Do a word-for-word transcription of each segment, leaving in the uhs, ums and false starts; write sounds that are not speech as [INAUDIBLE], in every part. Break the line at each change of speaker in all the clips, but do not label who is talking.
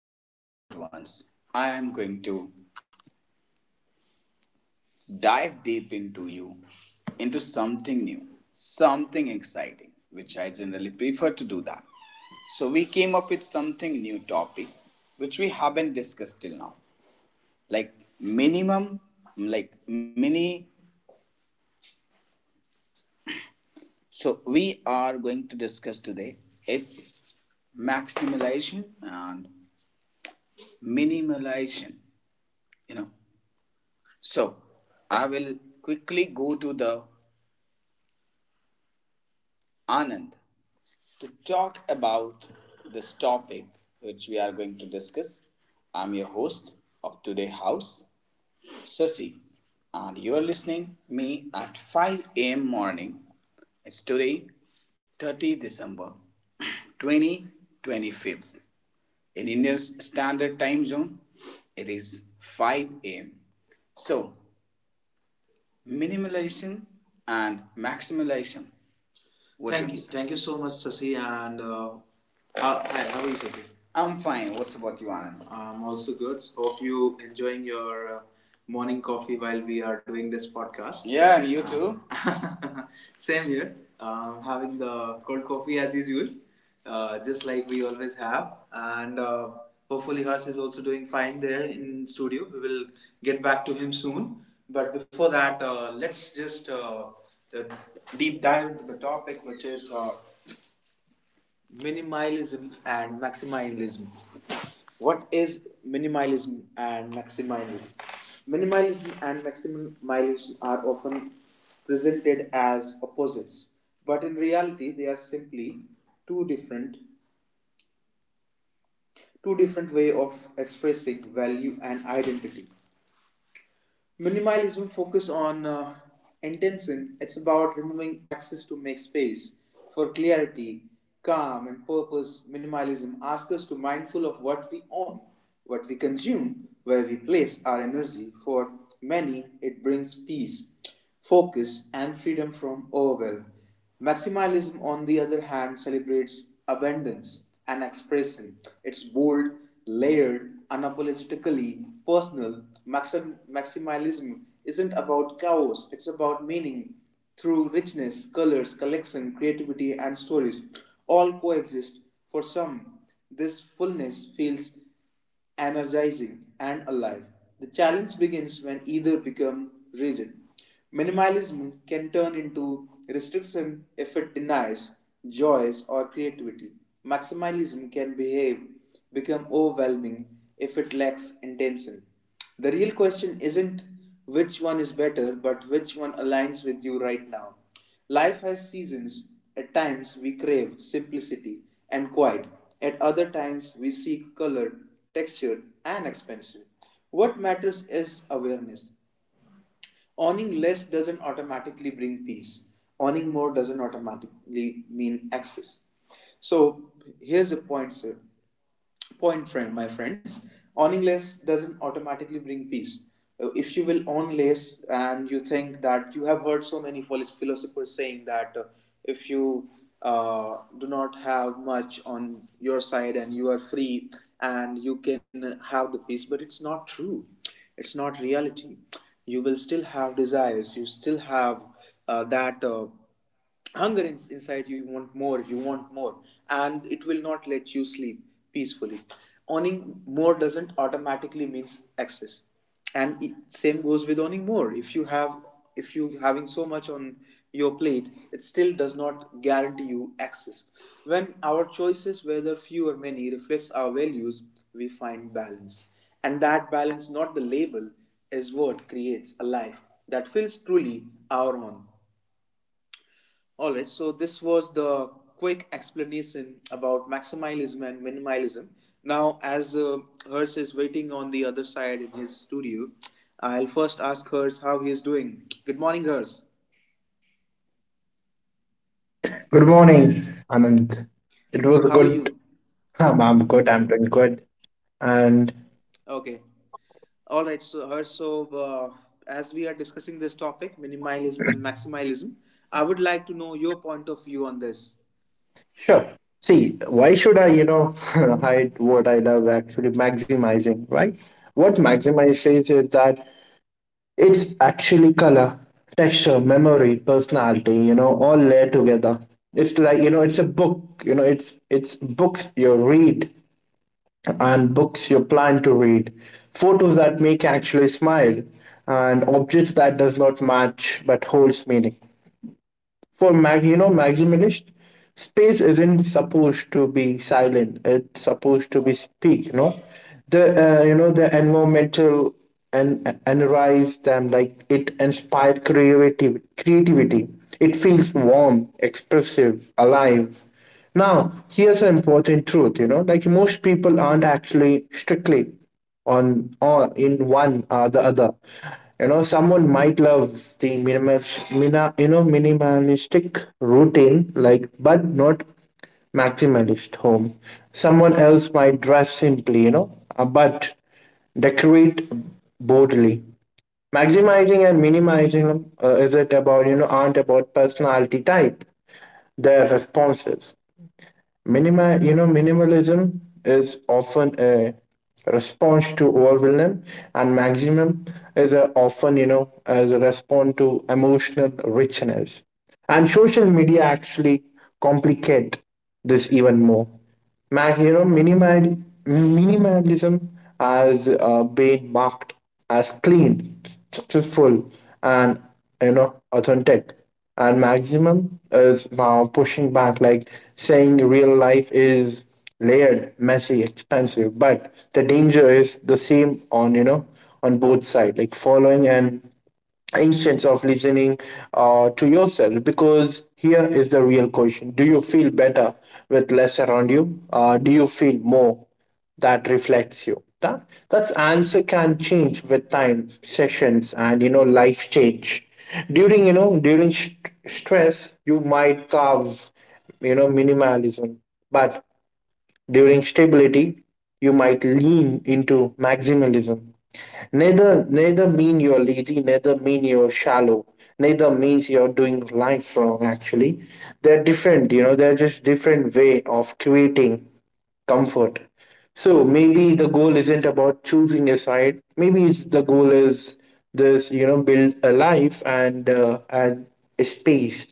Hi, my beloved ones. I am going to dive deep into you, into something new, something exciting, which I generally prefer to do that. So, we came up with something new topic which we haven't discussed till now, like minimum, like mini. So, we are going to discuss today it's maximization and minimalization you know So, I will quickly go to the Anand to talk about this topic which we are going to discuss. I'm your host of today house, Sasi, and you are listening me at five a m morning. It's today, thirtieth of December, twenty twenty-five. In India's standard time zone, it is five a m. So, minimalization and maximization. What Thank you. You- Thank you so much, Sasi. And uh, how, hi, how are you, Sasi? I'm fine. What's about you, Anand? I'm also good. Hope you enjoying your uh, morning coffee while we are doing this podcast. Yeah, and you too. Um, [LAUGHS] Same here. Um, having the cold coffee as usual, uh, just like we always have. And uh, hopefully, Harsh is also doing fine there in studio. We will get back to him soon. But before that, uh, let's just uh, uh, deep dive into the topic, which is uh, minimalism and maximalism. What is minimalism and maximalism? Minimalism and maximalism are often presented as opposites, but in reality, they are simply two different two different way of expressing value and identity. Minimalism focus on uh, intention. It's about removing access to make space for clarity, calm, and purpose. Minimalism asks us to be mindful of what we own, what we consume, where we place our energy. For many, it brings peace, focus, and freedom from overwhelm. Maximalism, on the other hand, celebrates abundance and expression. It's bold, layered, unapologetically personal. Maxim- maximalism isn't about chaos, it's about meaning through richness, colors, collection, creativity, and stories. All coexist. For some, this fullness feels energizing, and alive. The challenge begins when either become rigid. Minimalism can turn into restriction if it denies joys or creativity. Maximalism can behave become overwhelming if it lacks intention. The real question isn't which one is better, but which one aligns with you right now. Life has seasons. At times we crave simplicity and quiet. At other times we seek color, texture, and expensive. What matters is awareness. Owning less doesn't automatically bring peace. Owning more doesn't automatically mean access. So here's the point, sir. Point, friend, my friends, owning less doesn't automatically bring peace. Uh, If you will own less, and you think that you have heard so many phil- philosophers saying that uh, if you uh, do not have much on your side and you are free and you can have the peace, but it's not true. It's not reality. You will still have desires. You still have uh, that. Uh, hunger in, inside you you want more you want more and it will not let you sleep peacefully. Owning more doesn't automatically means excess. And it, same goes with owning more. If you have if you having so much on your plate, it still does not guarantee you access. When our choices, whether few or many, reflects our values, we find balance. And that balance, not the label, is what creates a life that feels truly our own. All right, so this was the quick explanation about maximalism and minimalism. Now, as uh, Hers is waiting on the other side in his studio, I'll first ask Hers how he is doing. Good morning, Hers.
Good morning, Anand. It was a
How are
good.
you?
[LAUGHS] Um, I'm good. I'm doing good. And
Okay. All right, so Hers, so uh, as we are discussing this topic, minimalism and maximalism, I would like to know your point of view on this.
sure. See, why should I, you know, [LAUGHS] hide what I love? Actually, maximizing, right? What maximizes is that it's actually color, texture, memory, personality. You know, all layered together. It's like you know, it's a book. You know, it's it's books you read and books you plan to read, photos that make you actually smile, and objects that does not match but holds meaning. For mag, you know, maximalist, space isn't supposed to be silent. It's supposed to be speak. You know, the uh, you know the environmental and analyze them like it inspired creativity. Creativity. It feels warm, expressive, alive now. Here's an important truth, you know, like most people aren't actually strictly on or in one or the other. You know, someone might love the minimalist, mina, you know, minimalistic routine, like, but not maximalist home. Someone else might dress simply, you know, uh, but decorate boldly. Maximizing and minimizing uh, is it about you know aren't about personality type, their responses. Minima, you know, minimalism is often a response to overwhelm, and maximum is, a, often, you know, as a response to emotional richness. And social media actually complicate this even more. Mac you know, minimal, Minimalism has uh, been marked as clean, successful, and you know, authentic. And maximum is now pushing back, like saying real life is layered, messy, expensive. But the danger is the same on you know on both sides, like following an instance of listening uh, to yourself, because here is the real question. Do you feel better with less around you? Uh, do you feel more that reflects you? That that's answer can change with time sessions and you know life change. During you know during st- stress you might carve you know minimalism, but during stability you might lean into maximalism. Neither neither mean you're lazy, neither mean you're shallow, neither means you're doing life wrong actually. They're different, you know, they're just different way of creating comfort. So maybe the goal isn't about choosing a side. Maybe it's the goal is this, you know, build a life and uh, and a space,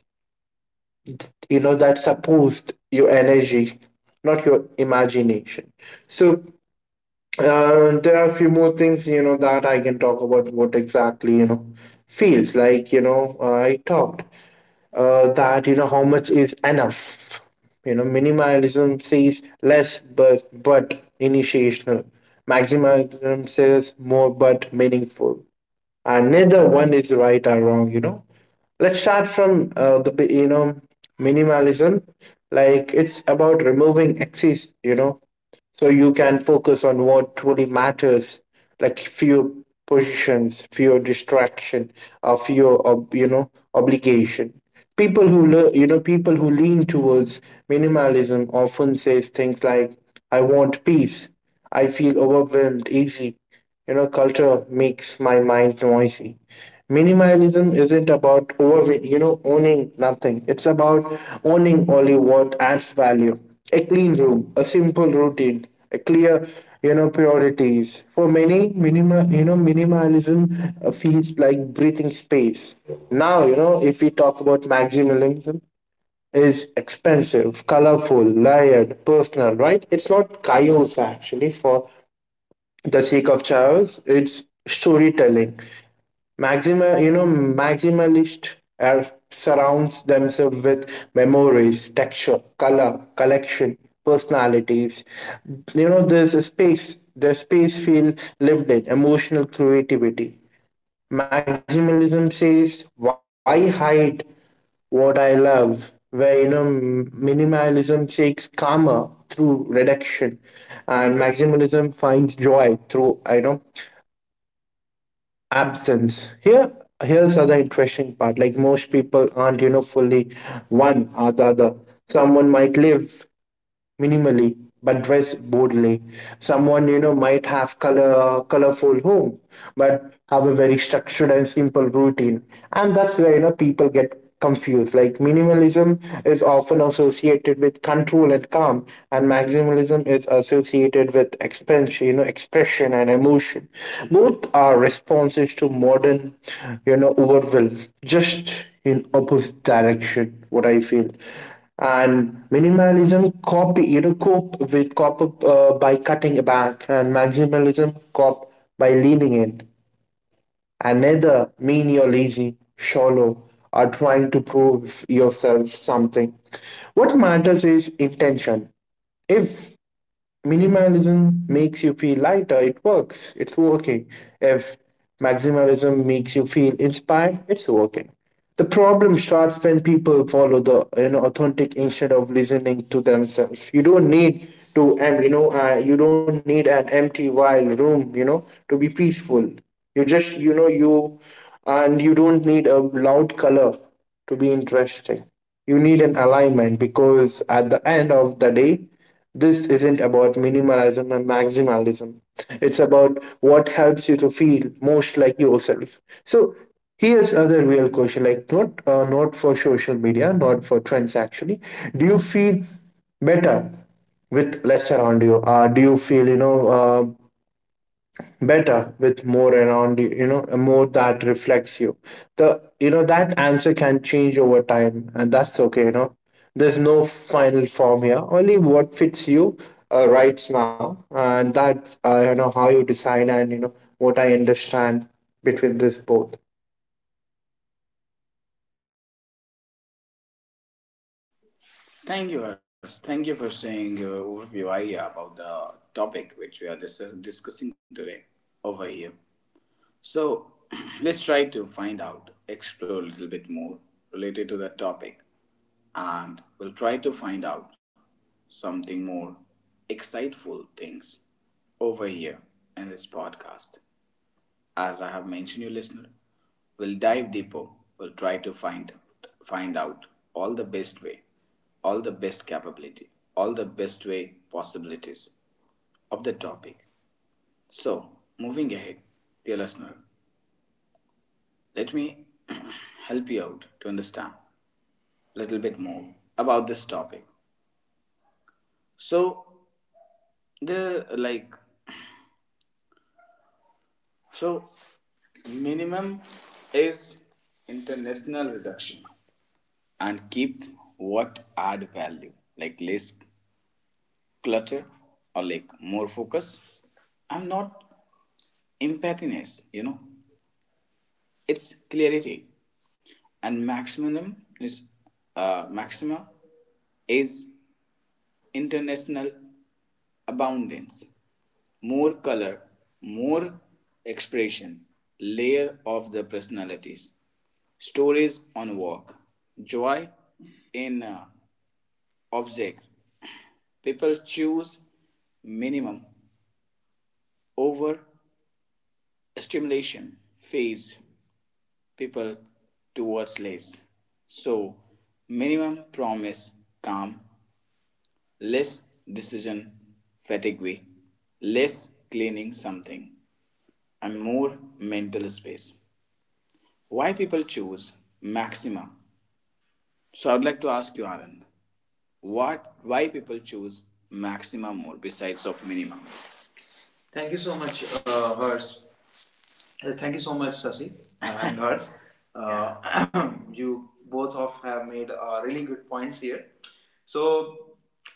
you know, that supports your energy, not your imagination. So uh, there are a few more things, you know, that I can talk about what exactly, you know, feels like, you know, uh, I talked uh, that, you know, how much is enough. You know, minimalism says less, but, but initiational. Maximalism says more, but meaningful. And neither one is right or wrong, you know. Let's start from uh, the, bi- you know, minimalism. Like it's about removing excess, you know, so you can focus on what truly matters, like fewer positions, fewer distraction, or fewer ob- you know obligation. People who le- you know People who lean towards minimalism often says things like I want peace, I feel overwhelmed easy, you know, culture makes my mind noisy. Minimalism isn't about over, you know, owning nothing. It's about owning only what adds value. A clean room, a simple routine, a clear, you know, priorities. For many, minimal, you know, minimalism uh, feels like breathing space. Now, you know, if we talk about maximalism, is expensive, colorful, layered, personal, right? It's not chaos actually for the sake of chaos. It's storytelling. Maximal, you know, maximalist uh, surrounds themselves with memories, texture, color, collection, personalities. You know, there's a space. The space feel lived in, emotional creativity. Maximalism says, "Why hide what I love?" Where you know, m- minimalism seeks karma through reduction, and maximalism finds joy through, you know, absence. Here here's other interesting part, like most people aren't, you know, fully one or the other. Someone might live minimally but dress boldly. Someone, you know, might have color colorful home but have a very structured and simple routine, and that's where, you know, people get confused. Like minimalism is often associated with control and calm, and maximalism is associated with expansion, you know, expression and emotion. Both are responses to modern, you know, overwhelm, just in opposite direction. What I feel, and minimalism copy, you know, cope with cop up uh, by cutting back, and maximalism cop by leaning in. Another mean you're lazy, shallow, or trying to prove yourself something. What matters is intention. If minimalism makes you feel lighter, it works, it's working. If maximalism makes you feel inspired, it's working. The problem starts when people follow the, you know, authentic instead of listening to themselves. You don't need to, and you know uh, you don't need an empty wild room, you know, to be peaceful. You just, you know, you, and you don't need a loud color to be interesting. You need an alignment because at the end of the day, this isn't about minimalism and maximalism. It's about what helps you to feel most like yourself. So here's other real question, like not uh, not for social media, not for trends actually. Do you feel better with less around you? Uh, do you feel, you know uh, better with more around you, you know, a more that reflects you? The, you know, that answer can change over time, and that's okay, you know. There's no final form here, only what fits you uh, right now, and that's, uh, you know how you decide and, you know, what I understand between this both.
Thank you, Harsh. Thank you for sharing your overview idea about the topic which we are dis- discussing today over here. So [CLEARS THROAT] let's try to find out, explore a little bit more related to that topic, and we'll try to find out something more exciteful things over here in this podcast. As I have mentioned, you listener, we'll dive deeper. We'll try to find find out all the best way, all the best capability, all the best way possibilities of the topic. So moving ahead, dear listener, let me [CLEARS THROAT] help you out to understand a little bit more about this topic. So the like so minimum is international reduction and keep what add value, like less clutter or like more focus. I'm not empathiness, you know. It's clarity, and maximum is uh, maxima is international abundance, more color, more expression, layer of the personalities, stories on walk, joy in uh, object. People choose minimum over stimulation phase people towards less. So minimum promise calm, less decision fatigue, less cleaning something, and more mental space. Why people choose Maxima? So I would like to ask you, Anand, what why people choose Maxima more besides of Minima? Thank you so much, uh, Hers. Uh, thank you so much, Sasi, uh, [LAUGHS] and Hers. Uh, [CLEARS THROAT] you both of have made uh, really good points here. So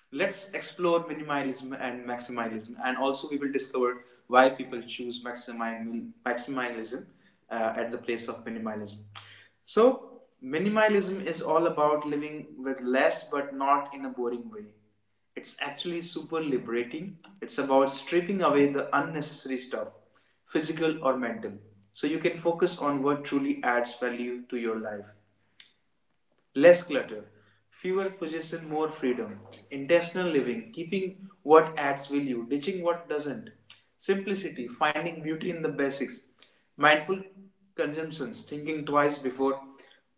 let's explore minimalism and maximalism, and also we will discover why people choose maximi- maximalism uh, at the place of minimalism. So minimalism is all about living with less, but not in a boring way. It's actually super liberating. It's about stripping away the unnecessary stuff, physical or mental, so you can focus on what truly adds value to your life. Less clutter, fewer possessions, more freedom. Intentional living, keeping what adds value, ditching what doesn't. Simplicity, finding beauty in the basics. Mindful consumptions, thinking twice before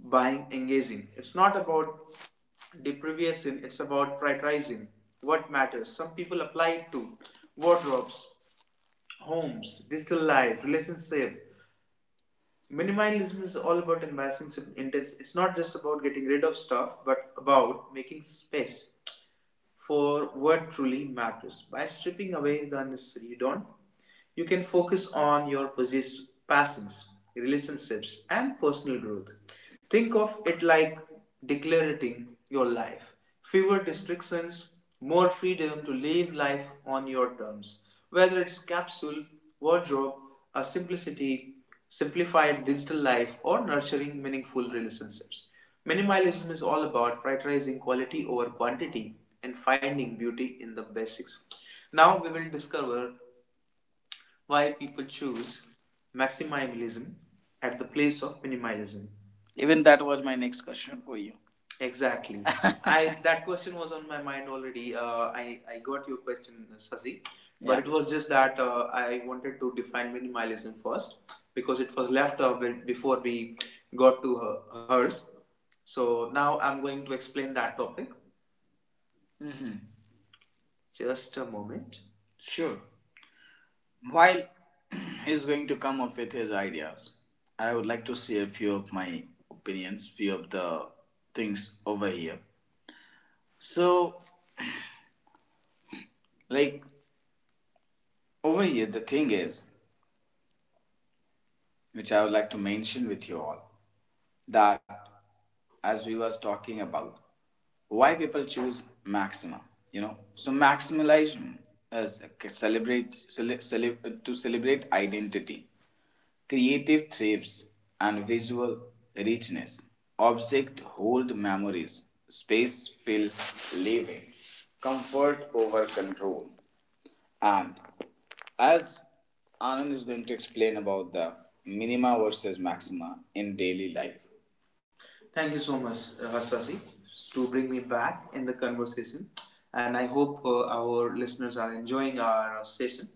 buying, engaging. It's not about deprivation, it's about prioritizing what matters. Some people apply it to wardrobes, homes, digital life, relationship. Minimalism is all about embracing some. It's not just about getting rid of stuff, but about making space for what truly matters. By stripping away the unnecessary, you don't you can focus on your possess- passions, relationships, and personal growth. Think of it like declarating your life. Fewer restrictions, more freedom to live life on your terms. Whether it's capsule, wardrobe, a simplicity, simplified digital life, or nurturing meaningful relationships. Minimalism is all about prioritizing quality over quantity, and finding beauty in the basics. Now we will discover why people choose maximalism at the place of minimalism. Even that was my next question for you. Exactly. [LAUGHS] I That question was on my mind already. Uh, I I got your question, Sasi, but, yeah, it was just that uh, I wanted to define minimalism first because it was left uh, before we got to her, hers. So now I'm going to explain that topic. Hmm. Just a moment. Sure. While [CLEARS THROAT] he's going to come up with his ideas, I would like to share a few of my opinions, few of the things over here. So, like over here, the thing is, which I would like to mention with you all, that as we was talking about, why people choose maxima, you know so maximalism is celebrate cele- cele- to celebrate identity. Creative thrives and visual richness. Objects hold memories. Space fill living. Comfort over control. And as Anand is going to explain about the minima versus maxima in daily life. Thank you so much, uh, Hassasi, to bring me back in the conversation. And I hope uh, our listeners are enjoying our uh, session.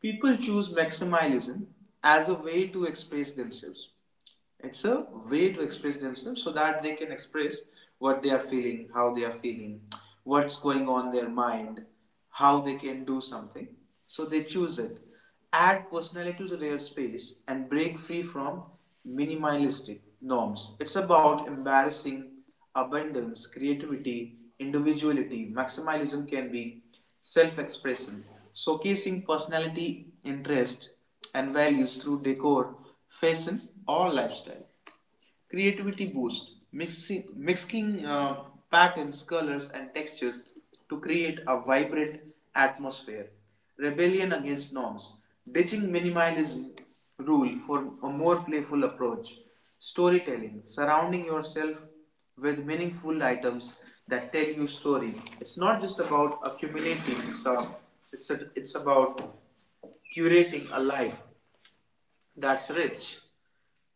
People choose maximalism as a way to express themselves. It's a way to express themselves so that they can express what they are feeling, how they are feeling, what's going on in their mind, how they can do something. So they choose it. Add personality to their space and break free from minimalistic norms. It's about embracing abundance, creativity, individuality. Maximalism can be self expression, showcasing personality, interest, and values through decor, fashion, or lifestyle. Creativity boost mixing, mixing uh, patterns, colors, and textures to create a vibrant atmosphere. Rebellion against norms, ditching minimalism rule for a more playful approach. Storytelling, surrounding yourself with meaningful items that tell you story. It's not just about accumulating stuff. It's a, it's about curating a life that's rich,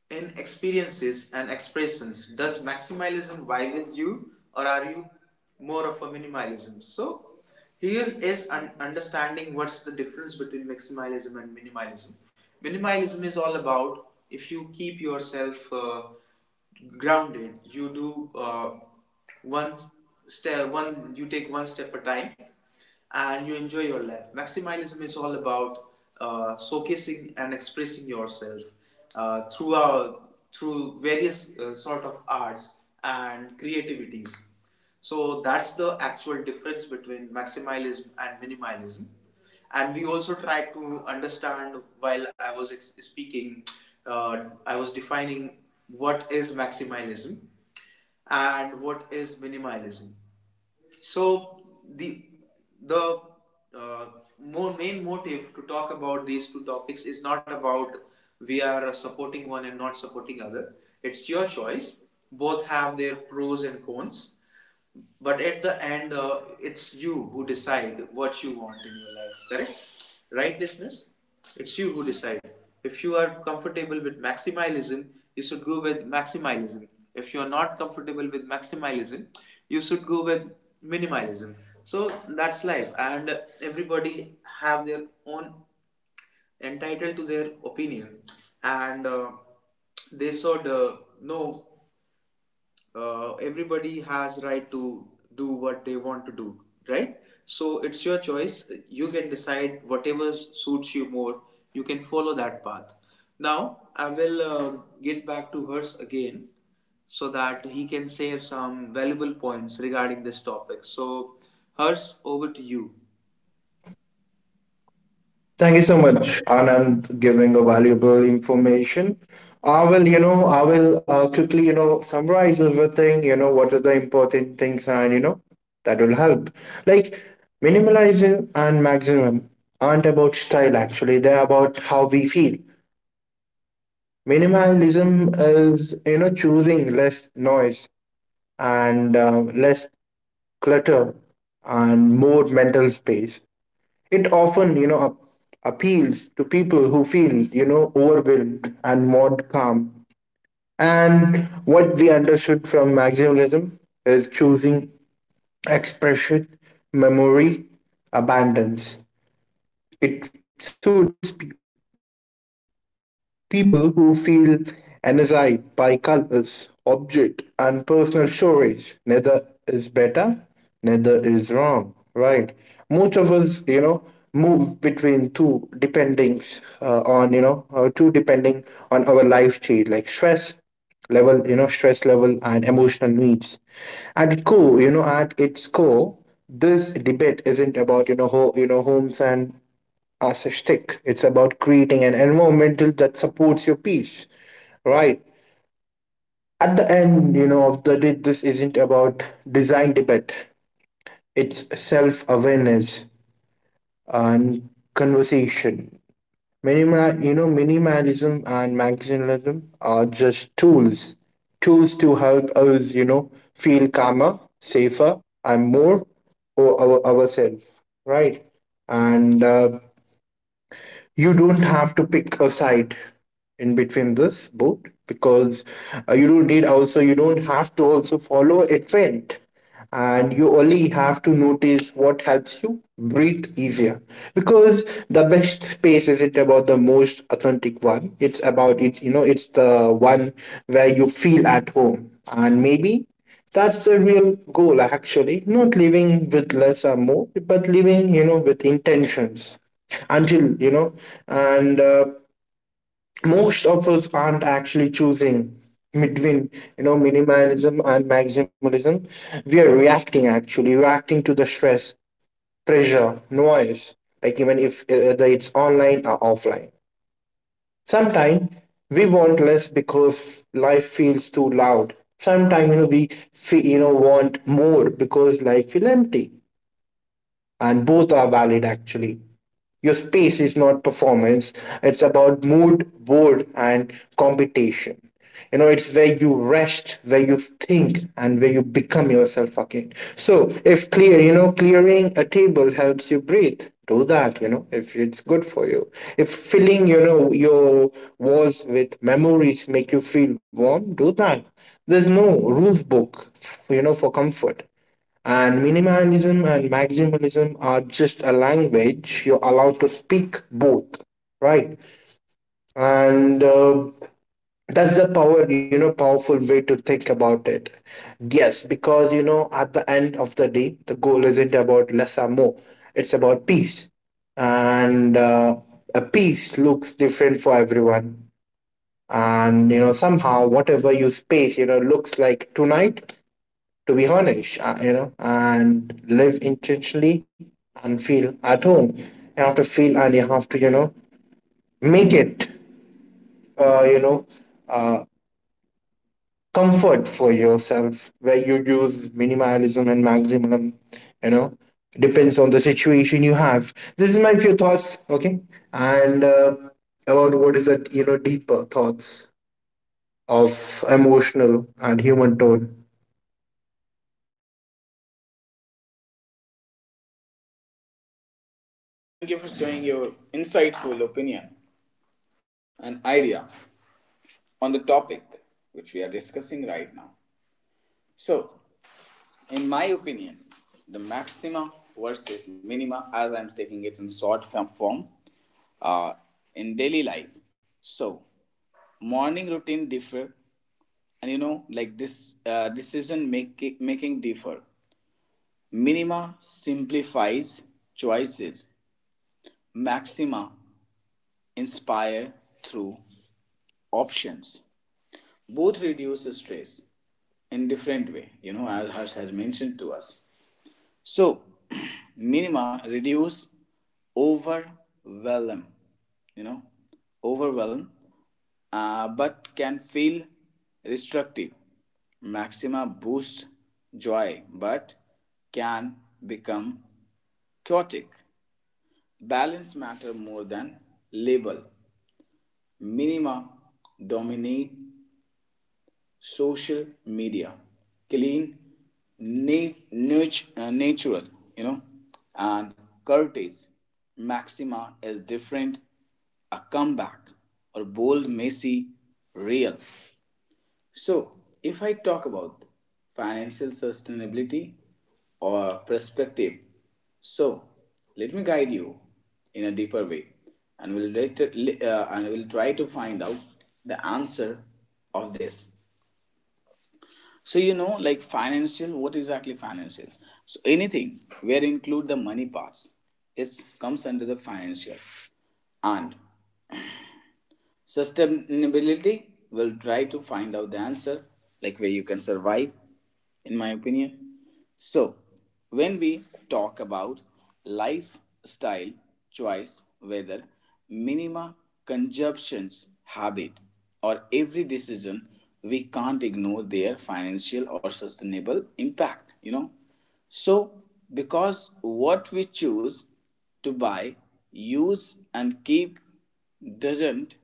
in experiences and expressions. Does maximalism vie with you, or are you more of a minimalism? So, here is un- understanding what's the difference between maximalism and minimalism. Minimalism is all about if you keep yourself uh, grounded, you do uh, one step, one you take one step at a time and you enjoy your life. Maximalism is all about uh, showcasing and expressing yourself uh, through our, through various uh, sort of arts and creativities. So that's the actual difference between maximalism and minimalism. And we also tried to understand while I was speaking, uh, I was defining what is maximalism and what is minimalism. So the the uh, more main motive to talk about these two topics is not about we are supporting one and not supporting other. It's your choice. Both have their pros and cons, but at the end, uh, it's you who decide what you want in your life, correct, right listeners? It's you who decide. If you are comfortable with maximalism, you should go with maximalism. If you are not comfortable with maximalism, you should go with minimalism. So that's life, and everybody have their own, entitled to their opinion. And uh, they should uh, know, uh, everybody has right to do what they want to do, right? So it's your choice, you can decide whatever suits you more, you can follow that path. Now I will uh, get back to Hers again, so that he can save some valuable points regarding this topic. So, Hers, over to you.
Thank you so much, Anand, giving a valuable information. I will, you know, I will uh, quickly, you know, summarize everything. You know, what are the important things, and you know, that will help. Like minimalism and maximum aren't about style. Actually, they're about how we feel. Minimalism is, you know, choosing less noise and uh, less clutter and more mental space. It often, you know, ap- appeals to people who feel, you know, overwhelmed and want calm. And what we understood from maximalism is choosing expression, memory, abundance. It suits people who feel energized by colors, object, and personal stories. Neither is better, neither is wrong, right? Most of us, you know, move between two dependings uh, on, you know, uh, two depending on our life stage, like stress level, you know, stress level and emotional needs. At its core, you know, at its core, this debate isn't about, you know ho- you know homes and as a stick. It's about creating an environment that supports your peace, right? At the end, you know, of the day, this isn't about design debate. It's self-awareness and conversation. Minimal, you know, minimalism and maximalism are just tools, tools to help us, you know, feel calmer, safer, and more o- our, ourselves, right? And uh, you don't have to pick a side in between this both, because uh, you don't need, also you don't have to also follow a trend, and you only have to notice what helps you breathe easier, because the best space isn't about the most authentic one. It's about it, you know, it's the one where you feel at home. And maybe that's the real goal, actually not living with less or more, but living, you know, with intentions until, you know. And uh, most of us aren't actually choosing between, you know, minimalism and maximalism. We are reacting, actually reacting to the stress, pressure, noise, like even if uh, whether it's online or offline. Sometimes we want less because life feels too loud. Sometimes, you know, we feel, you know, want more because life feel empty, and both are valid actually. Your space is not performance, it's about mood, board, and competition. You know, it's where you rest, where you think, and where you become yourself again. So, if clear, you know, clearing a table helps you breathe, do that, you know, if it's good for you. If filling, you know, your walls with memories make you feel warm, do that. There's no rules book, you know, for comfort. And minimalism and maximalism are just a language. You're allowed to speak both, right? And uh, that's the power, you know, powerful way to think about it. Yes, because, you know, at the end of the day, the goal isn't about less or more, it's about peace. And uh, a peace looks different for everyone. And, you know, somehow whatever your space, you know, looks like tonight, to be honest, uh, you know, and live intentionally and feel at home. You have to feel and you have to, you know, make it, uh, you know, uh, comfort for yourself, where you use minimalism and maximalism, you know, depends on the situation you have. This is my few thoughts, okay? And uh, about what is that, you know, deeper thoughts of emotional and human tone.
Thank you, Harsh. Thank you for sharing your insightful opinion and idea on the topic which we are discussing right now. So, in my opinion, the maxima versus minima, as I'm taking it in short form, uh, in daily life. So, morning routine differ, and you know, like this uh, decision making making differ. Minima simplifies choices. Maxima inspire through options. Both reduce stress in different way, you know, as Harsh has mentioned to us. So [CLEARS THROAT] minima reduce overwhelm, you know, overwhelm, uh, but can feel restrictive. Maxima boost joy, but can become chaotic. Balance matter more than label. Minima dominate social media, clean, na- uh, natural, you know, and curtis. Maxima is different, a comeback, or bold, messy, real. So if I talk about financial sustainability or perspective, so let me guide you in a deeper way, and we'll, uh, and we'll try to find out the answer of this. So you know, like financial, what exactly financial? So anything where include the money parts, it comes under the financial. And sustainability will try to find out the answer, like where you can survive, in my opinion. So, when we talk about lifestyle choice, whether minima consumptions habit or every decision, we can't ignore their financial or sustainable impact, you know. So, because what we choose to buy, use, and keep doesn't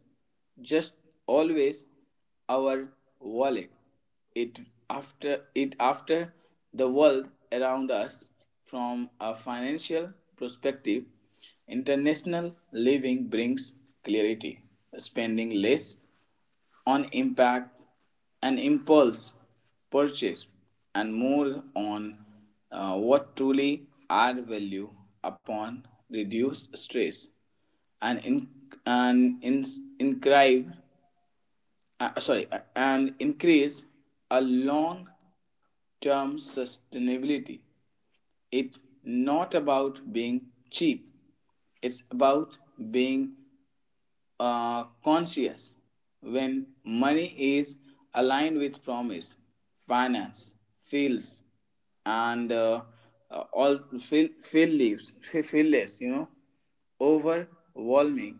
just always our wallet. It after it after the world around us. From a financial perspective, international living brings clarity. Spending less on impact and impulse purchase, and more on uh, what truly add value upon, reduce stress, and in, and in, incrive, uh, sorry uh, and increase a long term sustainability. It's not about being cheap, it's about being uh, conscious. When money is aligned with promise, finance feels, and uh, uh, all feel feel leaves feel, you know, overwhelming,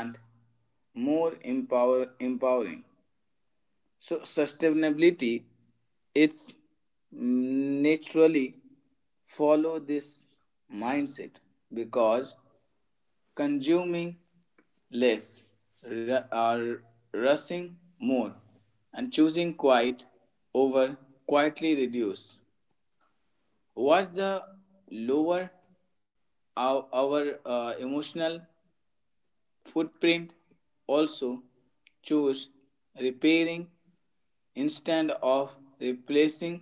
and more empower empowering. So sustainability, it's naturally follow this mindset, because consuming less, ru- or rushing more, and choosing quiet over quietly reduce. What's the lower our, our uh, emotional footprint? Also choose repairing instead of replacing,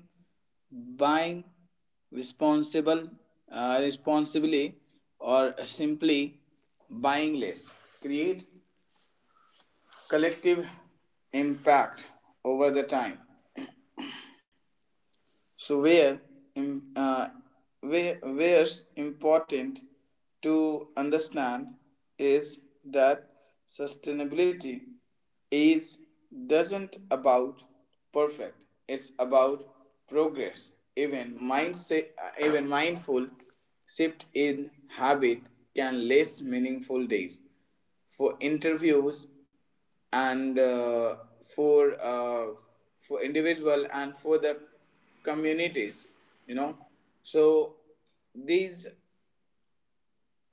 buying responsible uh, responsibly, or simply buying less, create collective impact over the time. So where im- uh, where where's important to understand is that sustainability is doesn't about perfect, it's about progress. Even mindset uh, even mindful shift in habit can less meaningful days for interviews, and uh, for uh, for individual and for the communities, you know. So these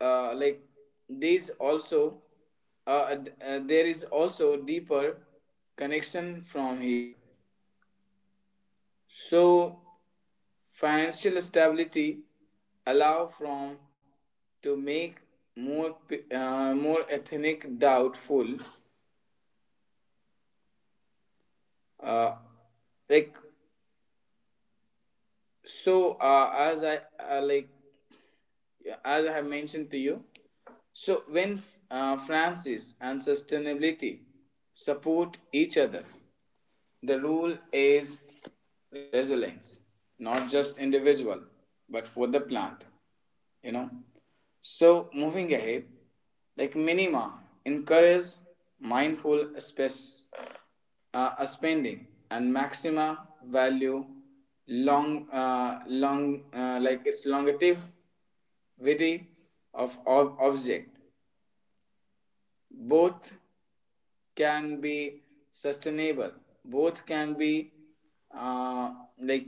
uh, like these also uh, d- uh, there is also deeper connection from here. So financial stability allow from to make more pe- uh, more ethnic doubtful, uh, like. So uh, as I uh, like as I have mentioned to you, so when uh, Francis and sustainability support each other, the rule is resilience, not just individual, but for the plant, you know. So moving ahead, like minima encourage mindful space uh, spending, and maxima value long uh, long uh, like its longevity, of, of object. Both can be sustainable. Both can be uh, like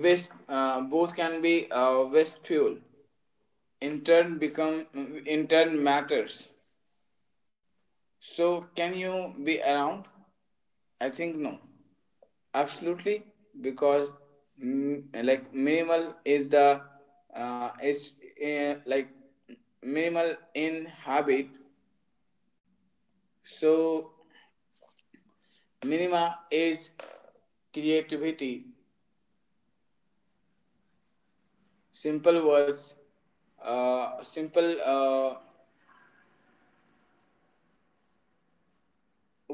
waste. Uh, both can be uh, waste fuel. In turn, become, in turn matters. So, can you be around? I think no. Absolutely, because mm, like minimal is the uh, is uh, like minimal in habit. So minima is creativity. Simple words, uh, simple uh,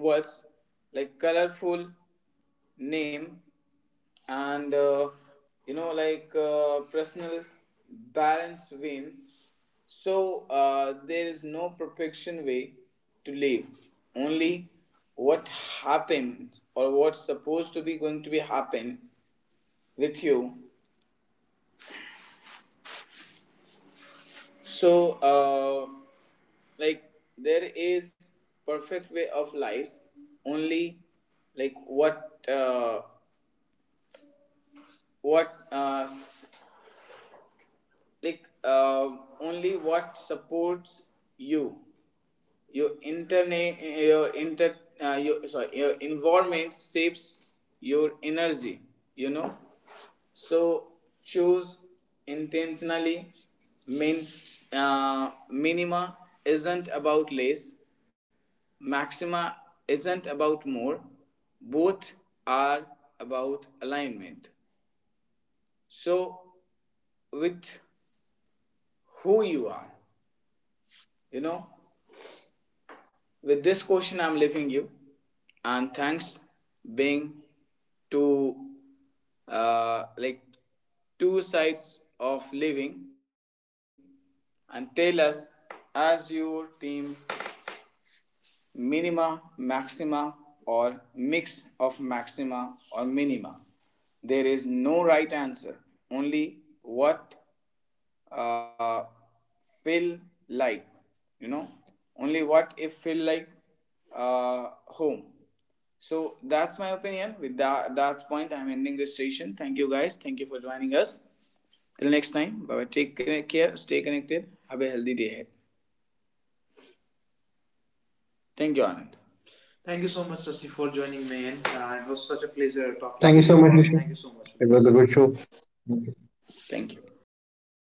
words, like colorful name, and uh, you know, like uh, personal balance win. So uh, there is no perfection way to live. Only what happened or what's supposed to be going to be happen with you. So. Uh, like there is perfect way of lives, only like what uh, what uh, s- like uh, only what supports you, your interna- your inter uh, your, sorry, your environment shapes your energy, you know. So choose intentionally. min uh, Minima isn't about less, maxima isn't about more, both are about alignment, so with who you are, you know. With this question, I'm leaving you, and thanks being two, uh, like two sides of living, and tell us, as your team, minima, maxima, or mix of maxima or minima. There is no right answer, only what uh, feel like, you know, only what if feel like uh, home. So that's my opinion. With that that's point, I'm ending this session. Thank you guys. Thank you for joining us. Till next time, bye bye. Take care. Stay connected. Have a healthy day ahead. Thank you, Anand. Thank you so much, Sasi, for joining me in. Uh, it was such a pleasure
Thank
talking
you
to
so
you
much,
all.
Rishi.
Thank you so much,
It was a
guys.
good show.
Thank you.